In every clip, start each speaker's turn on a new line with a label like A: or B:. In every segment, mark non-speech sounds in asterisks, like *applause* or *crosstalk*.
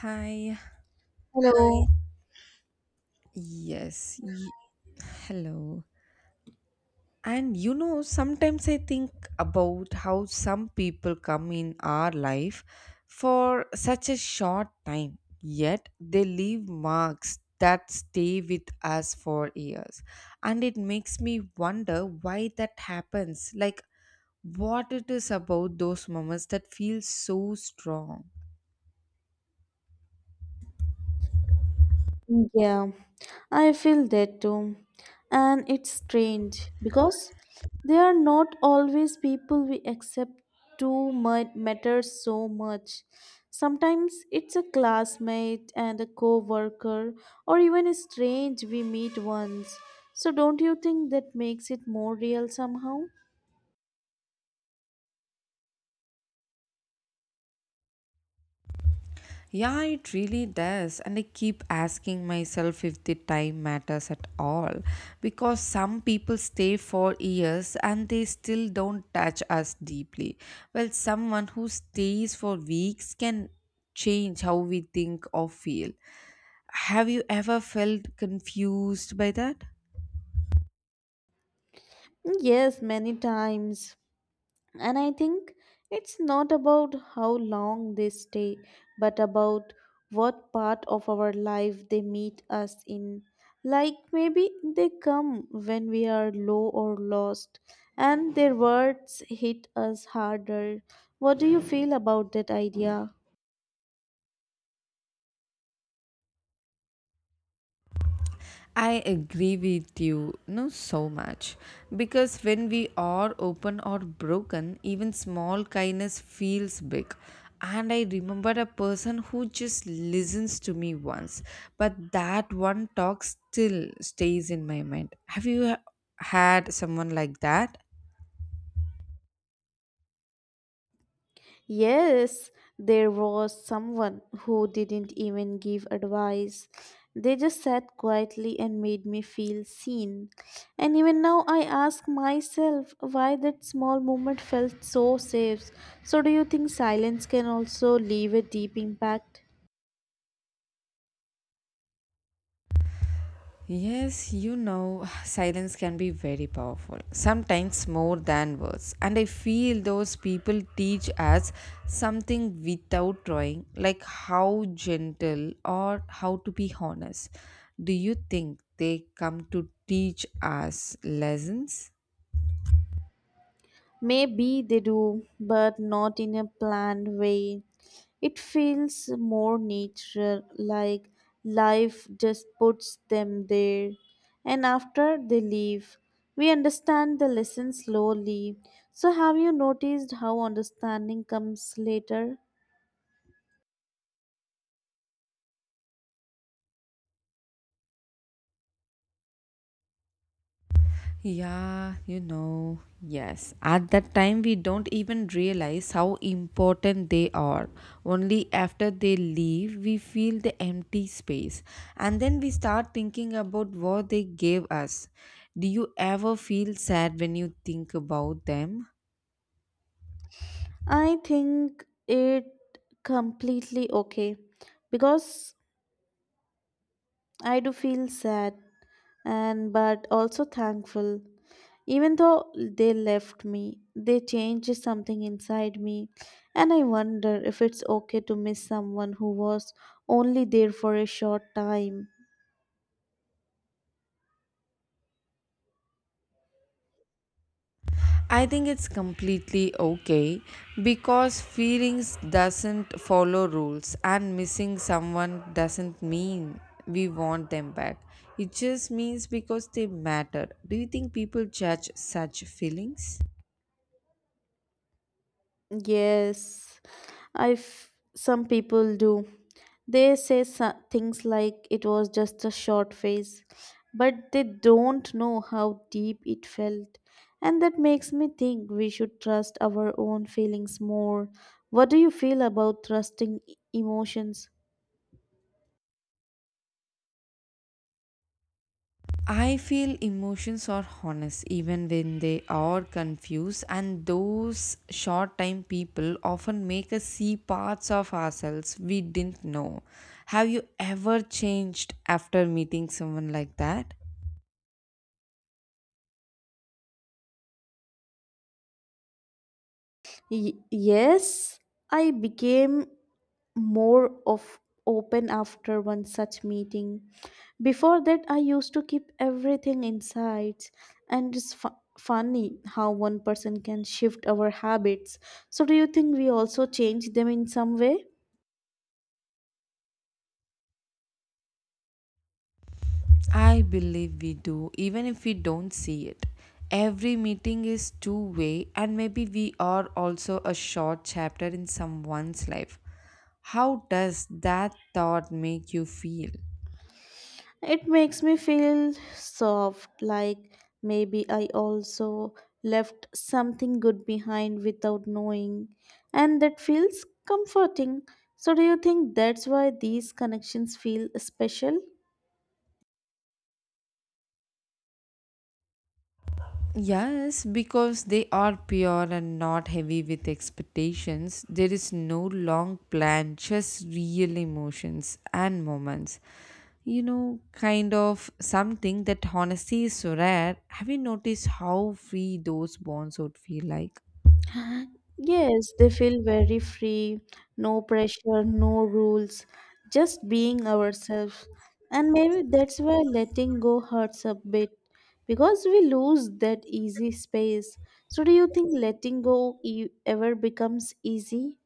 A: Hi.
B: Hello.
A: Yes. Hello. Sometimes I think about how some people come in our life for such a short time, yet they leave marks that stay with us for years. And it makes me wonder why that happens. Like, what it is about those moments that feel so strong.
B: Yeah, I feel that too. And it's strange because they are not always people we accept to matter so much. Sometimes it's a classmate and a co worker, or even a strange we meet once. So, don't you think that makes it more real somehow?
A: Yeah, it really does. And I keep asking myself if the time matters at all. Because some people stay for years and they still don't touch us deeply. Well, someone who stays for weeks can change how we think or feel. Have you ever felt confused by that?
B: Yes, many times. And I think it's not about how long they stay, but about what part of our life they meet us in. Like maybe they come when we are low or lost, and their words hit us harder. What do you feel about that idea?
A: I agree with you, no, so much. Because when we are open or broken, even small kindness feels big. And I remember a person who just listens to me once, but that one talk still stays in my mind. Have you had someone like that?
B: Yes, there was someone who didn't even give advice. They just sat quietly and made me feel seen. And even now, I ask myself why that small moment felt so safe. So, do you think silence can also leave a deep impact?
A: Yes, you know, *sighs* silence can be very powerful, sometimes more than words. And I feel those people teach us something without trying, like how gentle or how to be honest. Do you think they come to teach us lessons?
B: Maybe they do, but not in a planned way. It feels more natural, like life just puts them there. And after they leave, we understand the lesson slowly. So, have you noticed how understanding comes later?
A: Yeah, you know, yes. At that time, we don't even realize how important they are. Only after they leave, we feel the empty space. And then we start thinking about what they gave us. Do you ever feel sad when you think about them?
B: I think it completely okay because I do feel sad and but also thankful. Even though they left me, they changed something inside me, and I wonder if it's okay to miss someone who was only there for a short time.
A: I think it's completely okay because feelings doesn't follow rules and missing someone doesn't mean we want them back. It just means because they matter. Do you think people judge such feelings?
B: Yes, some people do. They say things like it was just a short phase, but they don't know how deep it felt. And that makes me think we should trust our own feelings more. What do you feel about trusting emotions?
A: I feel emotions are honest even when they are confused, and those short time people often make us see parts of ourselves we didn't know. Have you ever changed after meeting someone like that?
B: Yes, I became more of open after one such meeting. Before that, I used to keep everything inside, and it's funny how one person can shift our habits. So, do you think we also change them in some way?
A: I believe we do, even if we don't see it. Every meeting is two way, and maybe we are also a short chapter in someone's life. How does that thought make you feel?
B: It makes me feel soft, like maybe I also left something good behind without knowing, and that feels comforting. So, do you think that's why these connections feel special?
A: Yes, because they are pure and not heavy with expectations. There is no long plan, just real emotions and moments. You know, kind of something that honesty is so rare. Have you noticed how free those bonds would feel like?
B: Yes, they feel very free, no pressure, no rules, just being ourselves. And maybe that's why letting go hurts a bit because we lose that easy space. So, do you think letting go ever becomes easy?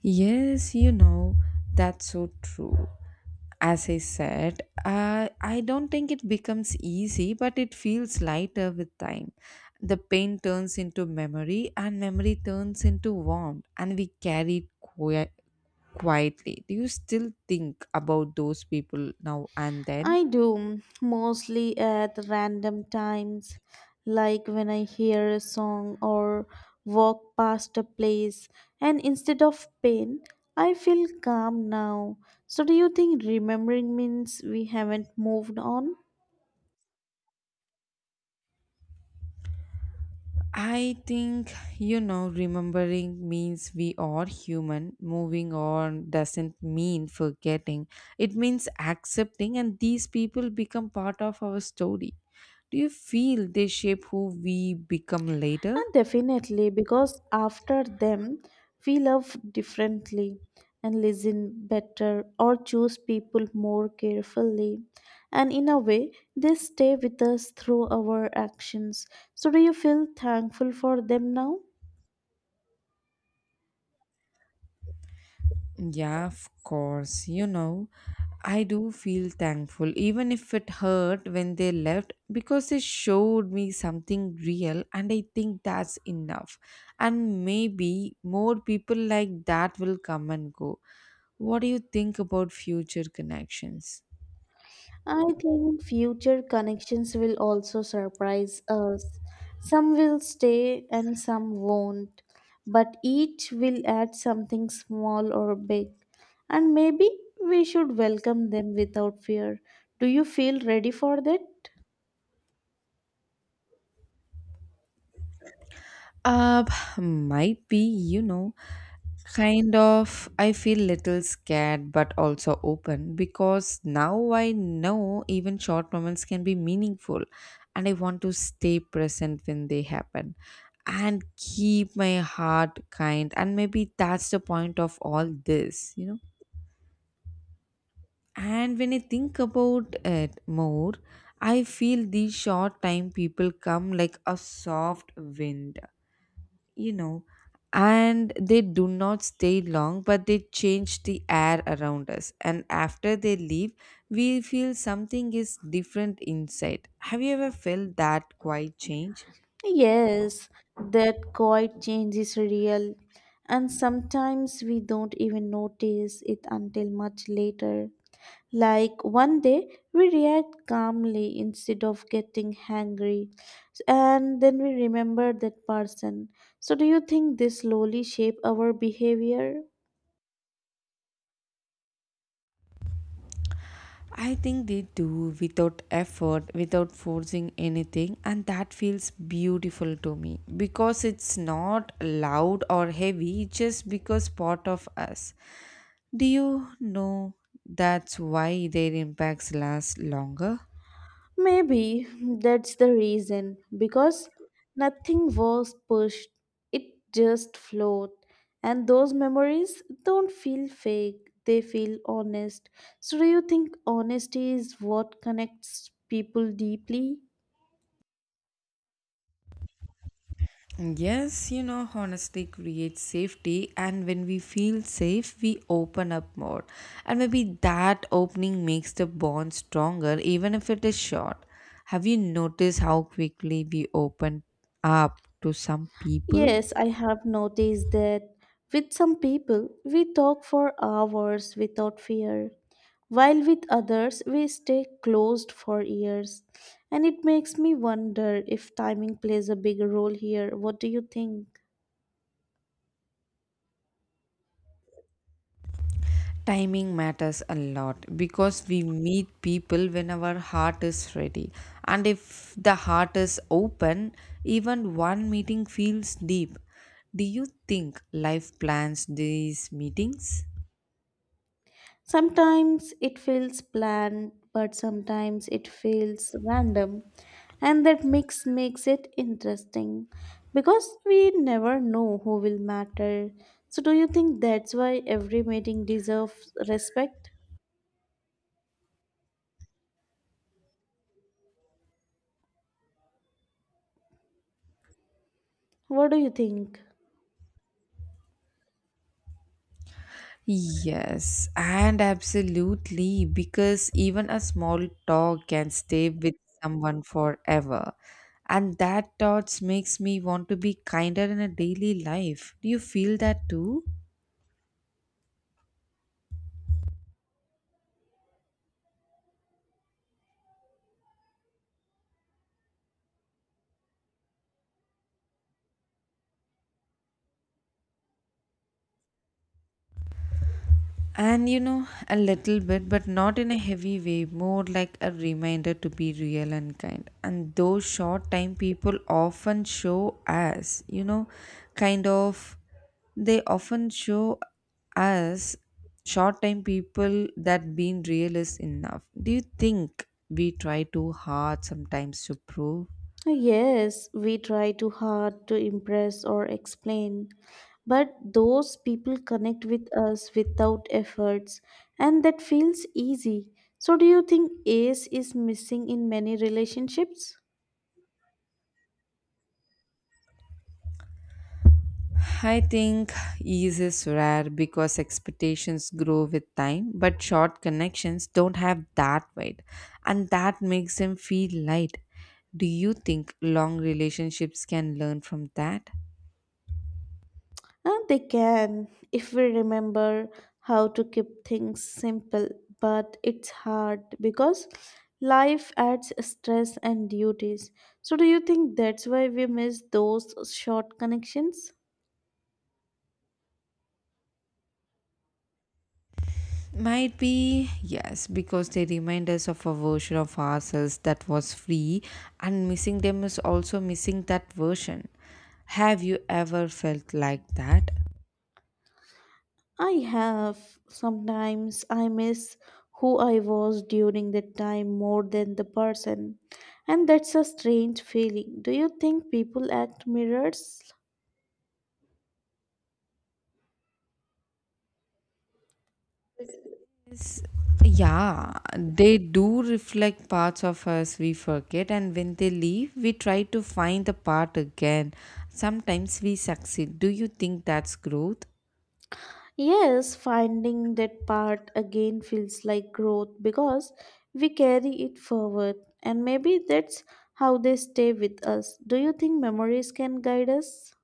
A: Yes, you know, that's so true. As I said, I don't think it becomes easy, but it feels lighter with time. The pain turns into memory, and memory turns into warmth, and we carry it quietly. Do you still think about those people now and then?
B: I do, mostly at random times, like when I hear a song or walk past a place, and instead of pain, I feel calm now. So, do you think remembering means we haven't moved on?
A: I think, you know, remembering means we are human. Moving on doesn't mean forgetting, it means accepting, and these people become part of our story. Do you feel they shape who we become later?
B: And definitely, because after them, we love differently and listen better or choose people more carefully. And in a way, they stay with us through our actions. So, do you feel thankful for them now?
A: Yeah, of course, you know. I do feel thankful, even if it hurt when they left, because they showed me something real, and I think that's enough. And maybe more people like that will come and go. What do you think about future connections?
B: I think future connections will also surprise us. Some will stay and some won't, but each will add something small or big. And maybe we should welcome them without fear. Do you feel ready for that?
A: Uh, might be, you know, kind of. I feel little scared but also open because now I know even short moments can be meaningful and I want to stay present when they happen and keep my heart kind and maybe that's the point of all this. And when I think about it more, I feel these short time people come like a soft wind you know, and they do not stay long, but they change the air around us. And after they leave, we feel something is different inside. Have you ever felt that quiet change?
B: Yes, that quiet change is real. And sometimes we don't even notice it until much later. Like one day we react calmly instead of getting hangry, and then we remember that person. So, do you think this slowly shape our behavior?
A: I think they do without effort, without forcing anything, and that feels beautiful to me because it's not loud or heavy, it's just because part of us. Do you know that's why their impacts last longer?
B: Maybe *laughs* that's the reason because nothing was pushed, it just flowed. And those memories don't feel fake, they feel honest. So, do you think honesty is what connects people deeply?
A: Yes, you know, honestly creates safety, and when we feel safe, we open up more. And maybe that opening makes the bond stronger, even if it is short. Have you noticed how quickly we open up to some people?
B: Yes, I have noticed that with some people, we talk for hours without fear, while with others, we stay closed for years. And it makes me wonder if timing plays a big role here. What do you think?
A: Timing matters a lot because we meet people when our heart is ready. And if the heart is open, even one meeting feels deep. Do you think life plans these meetings?
B: Sometimes it feels planned, but sometimes it feels random, and that mix makes it interesting because we never know who will matter. So, do you think that's why every meeting deserves respect? What do you think?
A: Yes, and absolutely, because even a small talk can stay with someone forever. And that thoughts makes me want to be kinder in a daily life. Do you feel that too? And you know, a little bit, but not in a heavy way, more like a reminder to be real and kind. And those short time people often show us, you know, kind of, they often show us short time people that being real is enough. Do you think we try too hard sometimes to prove?
B: Yes, we try too hard to impress or explain, but those people connect with us without efforts, and that feels easy. So, do you think ACE is missing in many relationships?
A: I think ease is rare because expectations grow with time, but short connections don't have that weight, and that makes them feel light. Do you think long relationships can learn from that?
B: They can, if we remember how to keep things simple, but it's hard because life adds stress and duties. So, do you think that's why we miss those short connections?
A: Might be yes, because they remind us of a version of ourselves that was free, and missing them is also missing that version. Have you ever felt like that?
B: I have. Sometimes I miss who I was during that time more than the person. And that's a strange feeling. Do you think people act mirrors?
A: Yeah, they do reflect parts of us we forget, and when they leave, we try to find the part again. Sometimes we succeed. Do you think that's growth?
B: Yes, finding that part again feels like growth because we carry it forward. And maybe that's how they stay with us. Do you think memories can guide us?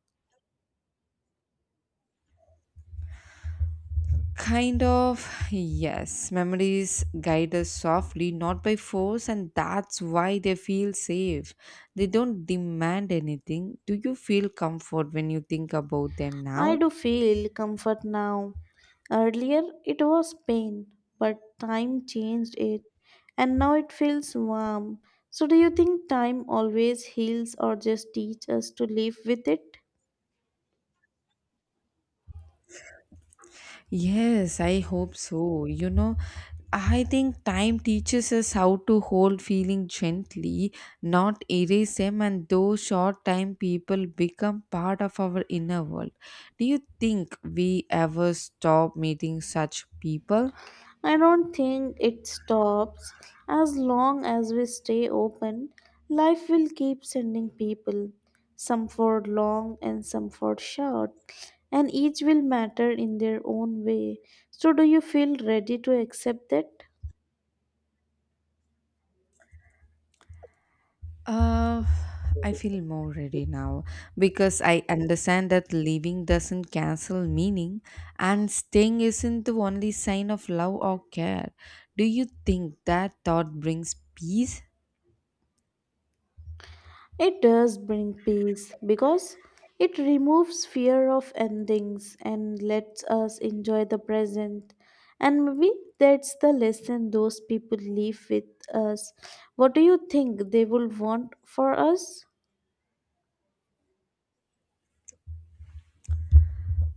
A: Kind of, yes. Memories guide us softly, not by force, and that's why they feel safe. They don't demand anything. Do you feel comfort when you think about them
B: I
A: now?
B: do feel comfort now. Earlier it was pain, but time changed it, and now it feels warm. So, do you think time always heals or just teaches us to live with it?
A: Yes, I hope so. You know, I think time teaches us how to hold feeling gently, not erase them, and those short time people become part of our inner world. Do you think we ever stop meeting such people?
B: I don't think it stops. As long as we stay open, life will keep sending people, some for long and some for short, and each will matter in their own way. So, do you feel ready to accept that?
A: Uh, I feel more ready now because I understand that leaving doesn't cancel meaning and staying isn't the only sign of love or care. Do you think that thought brings peace?
B: It does bring peace because it removes fear of endings and lets us enjoy the present. And maybe that's the lesson those people leave with us. What do you think they will want for us?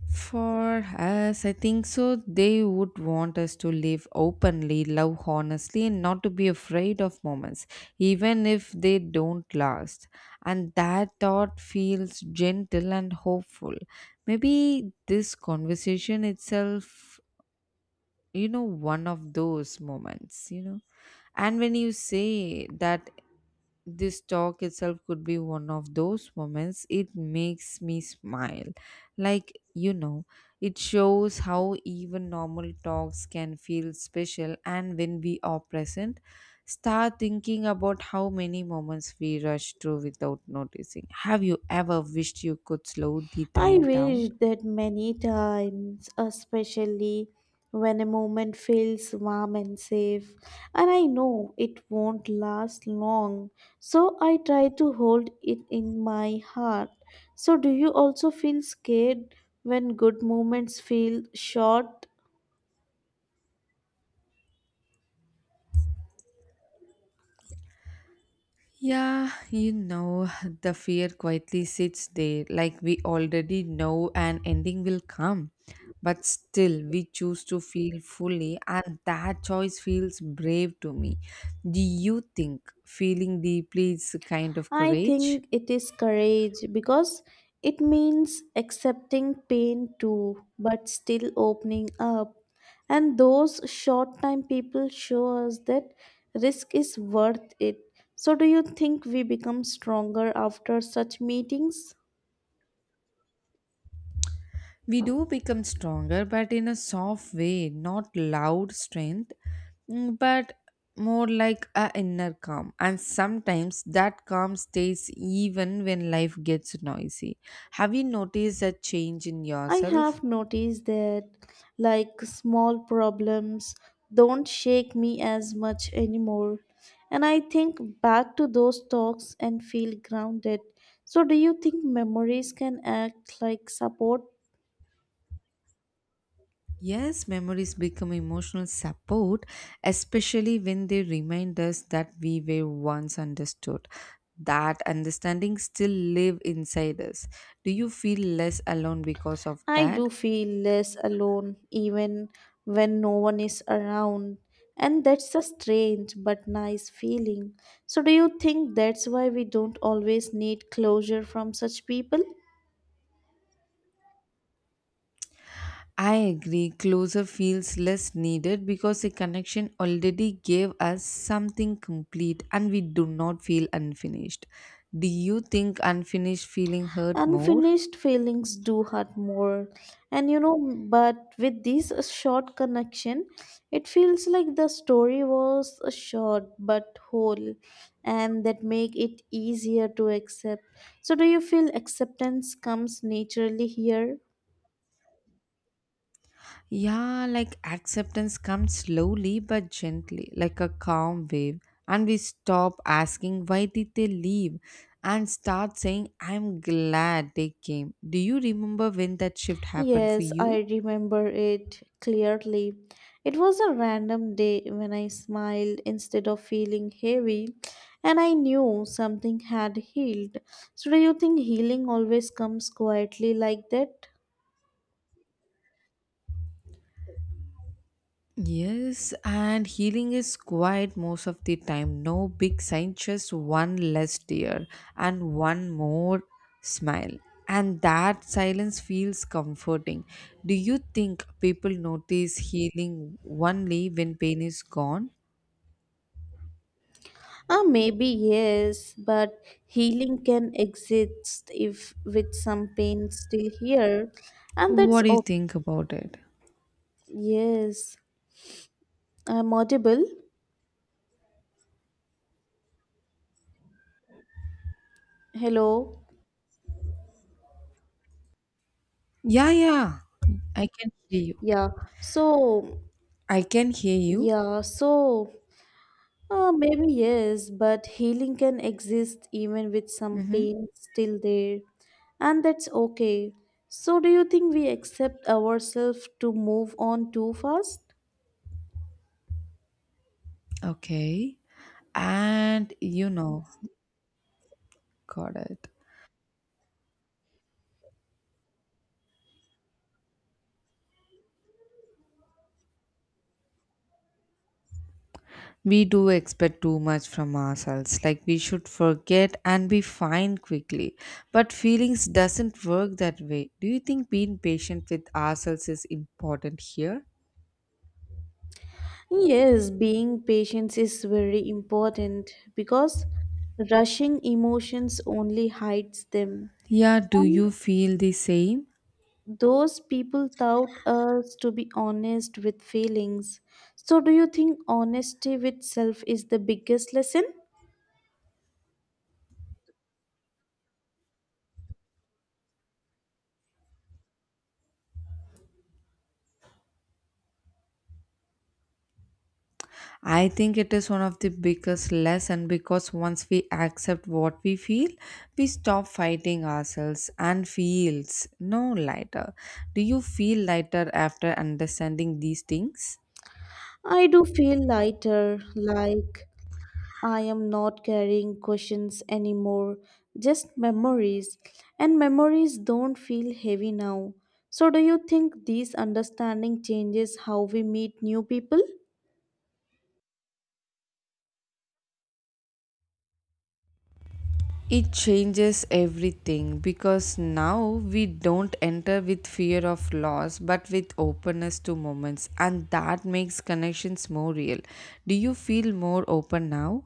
A: For us, I think so. They would want us to live openly, love honestly, and not to be afraid of moments, even if they don't last. And that thought feels gentle and hopeful. Maybe this conversation itself, you know, one of those moments, you know. And when you say that this talk itself could be one of those moments it makes me smile like you know it shows how even normal talks can feel special and when we are present start thinking about how many moments we rush through without noticing have you ever wished you could slow the
B: I
A: time down.
B: wish that many times, especially when a moment feels warm and safe, and I know it won't last long, so I try to hold it in my heart. So, do you also feel scared when good moments feel short?
A: Yeah, you know, the fear quietly sits there, like we already know an ending will come. But still, we choose to feel fully, and that choice feels brave to me. Do you think feeling deeply is a kind of
B: I
A: courage?
B: think it is courage because it means accepting pain too, but still opening up. And those short time people show us that risk is worth it. So, do you think we become stronger after such meetings?
A: We do become stronger, but in a soft way, not loud strength, but more like a inner calm. And sometimes that calm stays even when life gets noisy. Have you noticed a change in
B: I
A: yourself?
B: have noticed that like small problems don't shake me as much anymore. And I think back to those talks and feel grounded. So, do you think memories can act like support?
A: Yes, memories become emotional support, especially when they remind us that we were once understood. That understanding still live inside us. Do you feel less alone because of
B: I
A: that?
B: do feel less alone even when no one is around. And that's a strange but nice feeling. So, do you think that's why we don't always need closure from such people?
A: I agree, closer feels less needed because the connection already gave us something complete and we do not feel unfinished. Do you think unfinished feeling hurt more?
B: Unfinished feelings do hurt more, and but with this short connection, it feels like the story was short but whole, and that make it easier to accept. So, do you feel acceptance comes naturally here?
A: Yeah, like acceptance comes slowly but gently, like a calm wave, and we stop asking why did they leave and start saying I'm glad they came. Do you remember when that shift happened for
B: Yes, I
A: you?
B: remember it clearly. It was a random day when I smiled instead of feeling heavy, and I knew something had healed. So, do you think healing always comes quietly like that?
A: Yes, and healing is quiet most of the time. No big sign, just one less tear and one more smile. And that silence feels comforting. Do you think people notice healing only when pain is gone?
B: Ah, maybe yes, but healing can exist if with some pain still here, and
A: What
B: that's
A: do you
B: oh,
A: think about it?
B: yes, I'm audible. Hello,
A: Yeah, yeah, I can hear you.
B: yeah, so
A: I can hear you.
B: yeah, so. Maybe yes, but healing can exist even with some
A: Mm-hmm.
B: pain still there, and that's okay. So, do you think we accept ourselves to move on too fast?
A: Okay. And you know, got it. We do expect too much from ourselves, like we should forget and be fine quickly. But feelings doesn't work that way. Do you think being patient with ourselves is important here?
B: Yes, being patient is very important because rushing emotions only hides them.
A: Yeah, do you feel the same?
B: Those people taught us to be honest with feelings. So, do you think honesty with self is the biggest lesson?
A: I think it is one of the biggest lesson because once we accept what we feel, we stop fighting ourselves and feels no lighter. Do you feel lighter after understanding these things?
B: I do feel lighter, like I am not carrying questions anymore, just memories. And memories don't feel heavy now. So, do you think this understanding changes how we meet new people?
A: It changes everything because now we don't enter with fear of loss but with openness to moments, and that makes connections more real. Do you feel more open now?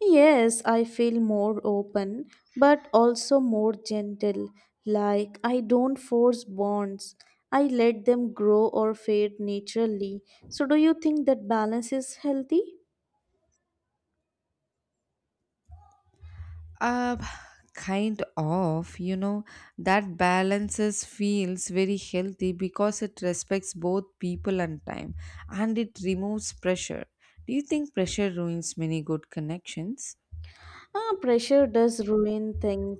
B: Yes, I feel more open, but also more gentle. Like, I don't force bonds, I let them grow or fade naturally. So, do you think that balance is healthy?
A: Uh, kind of, you know, that balances feels very healthy because it respects both people and time and it removes pressure. Do you think pressure ruins many good connections?
B: Ah, pressure does ruin things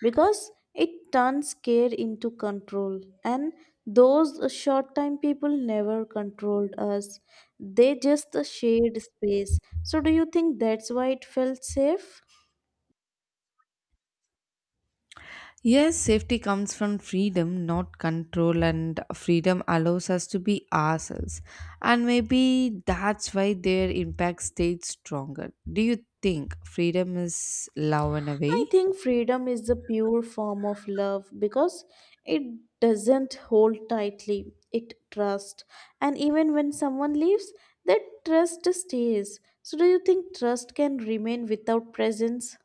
B: because it turns care into control, and those short time people never controlled us, they just shared space. So, do you think that's why it felt safe?
A: Yes, safety comes from freedom, not control, and freedom allows us to be ourselves. And maybe that's why their impact stayed stronger. Do you think freedom is love in a
B: I
A: way?
B: think freedom is the pure form of love because it doesn't hold tightly, it trusts. And even when someone leaves, that trust stays. So, do you think trust can remain without presence?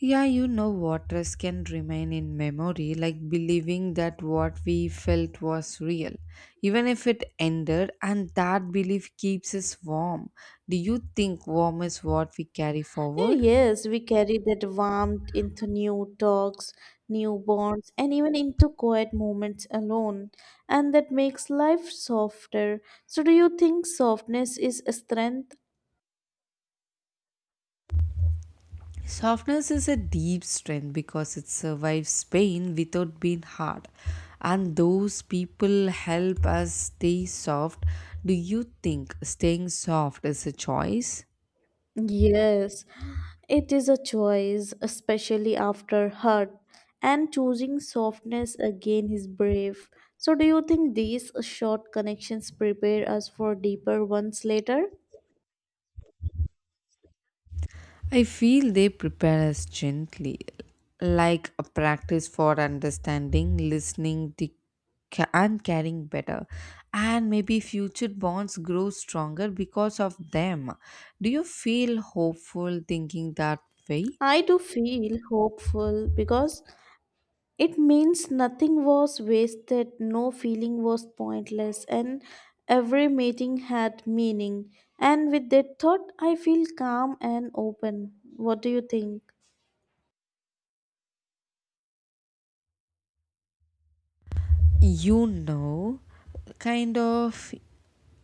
A: Yeah, you know, waters can remain in memory, like believing that what we felt was real, even if it ended, and that belief keeps us warm. Do you think warm is what we carry
B: Eh,
A: forward?
B: yes, we carry that warmth into new talks, new bonds, and even into quiet moments alone. And that makes life softer. So, do you think softness is a strength?
A: Softness is a deep strength because it survives pain without being hard. And those people help us stay soft. Do you think staying soft is a choice?
B: Yes, it is a choice, especially after hurt, and choosing softness again is brave. So, do you think these short connections prepare us for deeper ones later?
A: I feel they prepare us gently, like a practice for understanding, listening, and caring better. And maybe future bonds grow stronger because of them. Do you feel hopeful thinking that way?
B: I do feel hopeful because it means nothing was wasted, no feeling was pointless, and every meeting had meaning. And with that thought, I feel calm and open. What do you think?
A: You know, kind of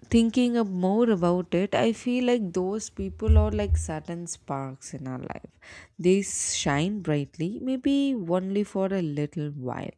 A: thinking more about it, I feel like those people are like certain sparks in our life. They shine brightly, maybe only for a little while.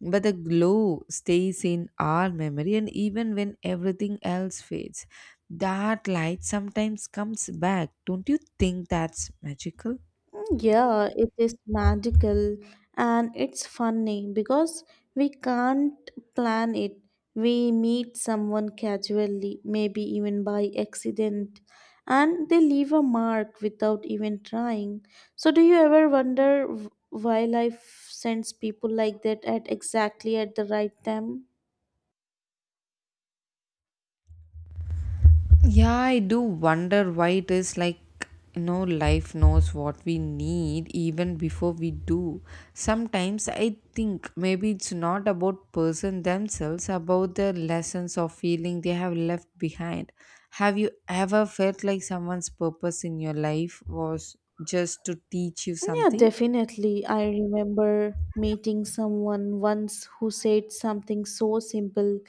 A: But the glow stays in our memory, and even when everything else fades, that light sometimes comes back. Don't you think that's magical?
B: Mm, yeah, it is magical and it's funny because we can't plan it. We meet someone casually, maybe even by accident, and they leave a mark without even trying. So, do you ever wonder why life sends people like that at exactly at the right time?
A: Yeah, I do wonder why it is like, you know, life knows what we need even before we do. Sometimes I think maybe it's not about person themselves, about the lessons or feeling they have left behind. Have you ever felt like someone's purpose in your life was just to teach you
B: Yeah,
A: something?
B: definitely. I remember meeting someone once who said something so simple,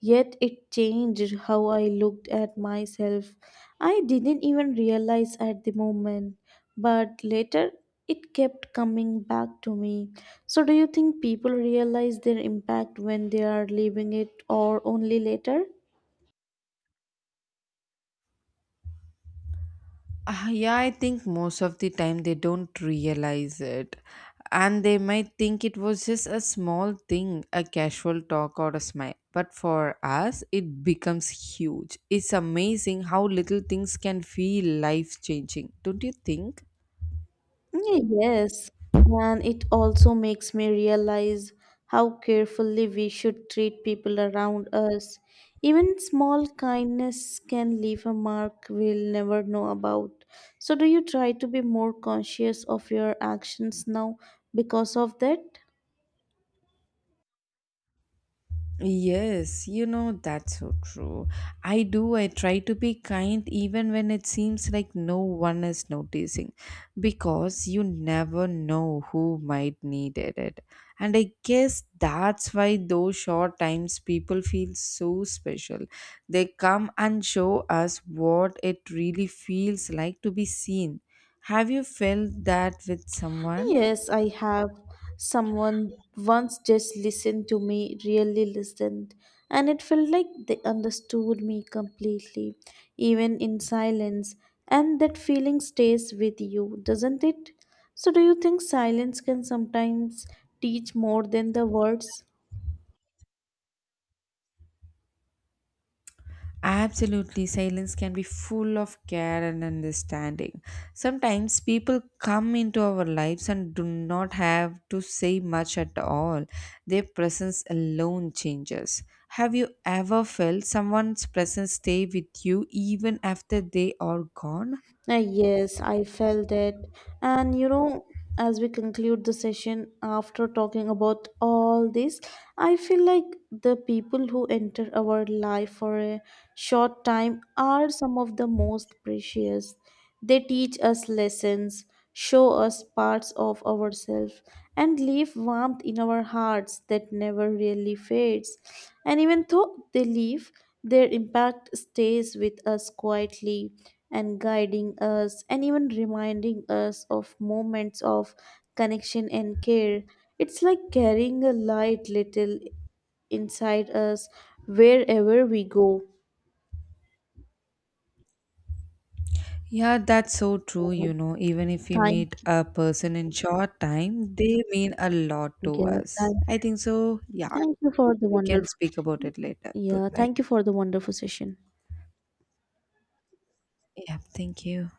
B: yet it changed how I looked at myself. I didn't even realize at the moment, but later it kept coming back to me. So, do you think people realize their impact when they are leaving it or only later?
A: Yeah, I think most of the time they don't realize it. And they might think it was just a small thing, a casual talk or a smile. But for us, it becomes huge. It's amazing how little things can feel life changing, don't you think?
B: Mm, yes, and it also makes me realize how carefully we should treat people around us. Even small kindness can leave a mark we'll never know about. So, do you try to be more conscious of your actions now because of that?
A: Yes, you know, that's so true. I do. I try to be kind even when it seems like no one is noticing because you never know who might need it. And I guess that's why those short times people feel so special. They come and show us what it really feels like to be seen. Have you felt that with someone?
B: Yes, I have. Someone once just listened to me, really listened, and it felt like they understood me completely, even in silence. And that feeling stays with you, doesn't it? So, do you think silence can sometimes teach more than the words?
A: Absolutely, silence can be full of care and understanding. Sometimes people come into our lives and do not have to say much at all. Their presence alone changes. Have you ever felt someone's presence stay with you even after they are gone?
B: Yes, I felt it. And you know, as we conclude the session after talking about all this, I feel like the people who enter our life for a short time are some of the most precious. They teach us lessons, show us parts of ourselves, and leave warmth in our hearts that never really fades. And even though they leave, their impact stays with us quietly and guiding us and even reminding us of moments of connection and care. It's like carrying a light little inside us wherever we go.
A: Yeah, that's so true. You know, even if we meet
B: Thank
A: a person in short time, they mean a lot
B: you.
A: to
B: Yeah,
A: us.
B: Thank,
A: I think so. Yeah,
B: thank you for the
A: we can
B: wonderful
A: speak about it later. Bye
B: yeah,
A: bye.
B: thank you for the wonderful session.
A: Yeah, thank you.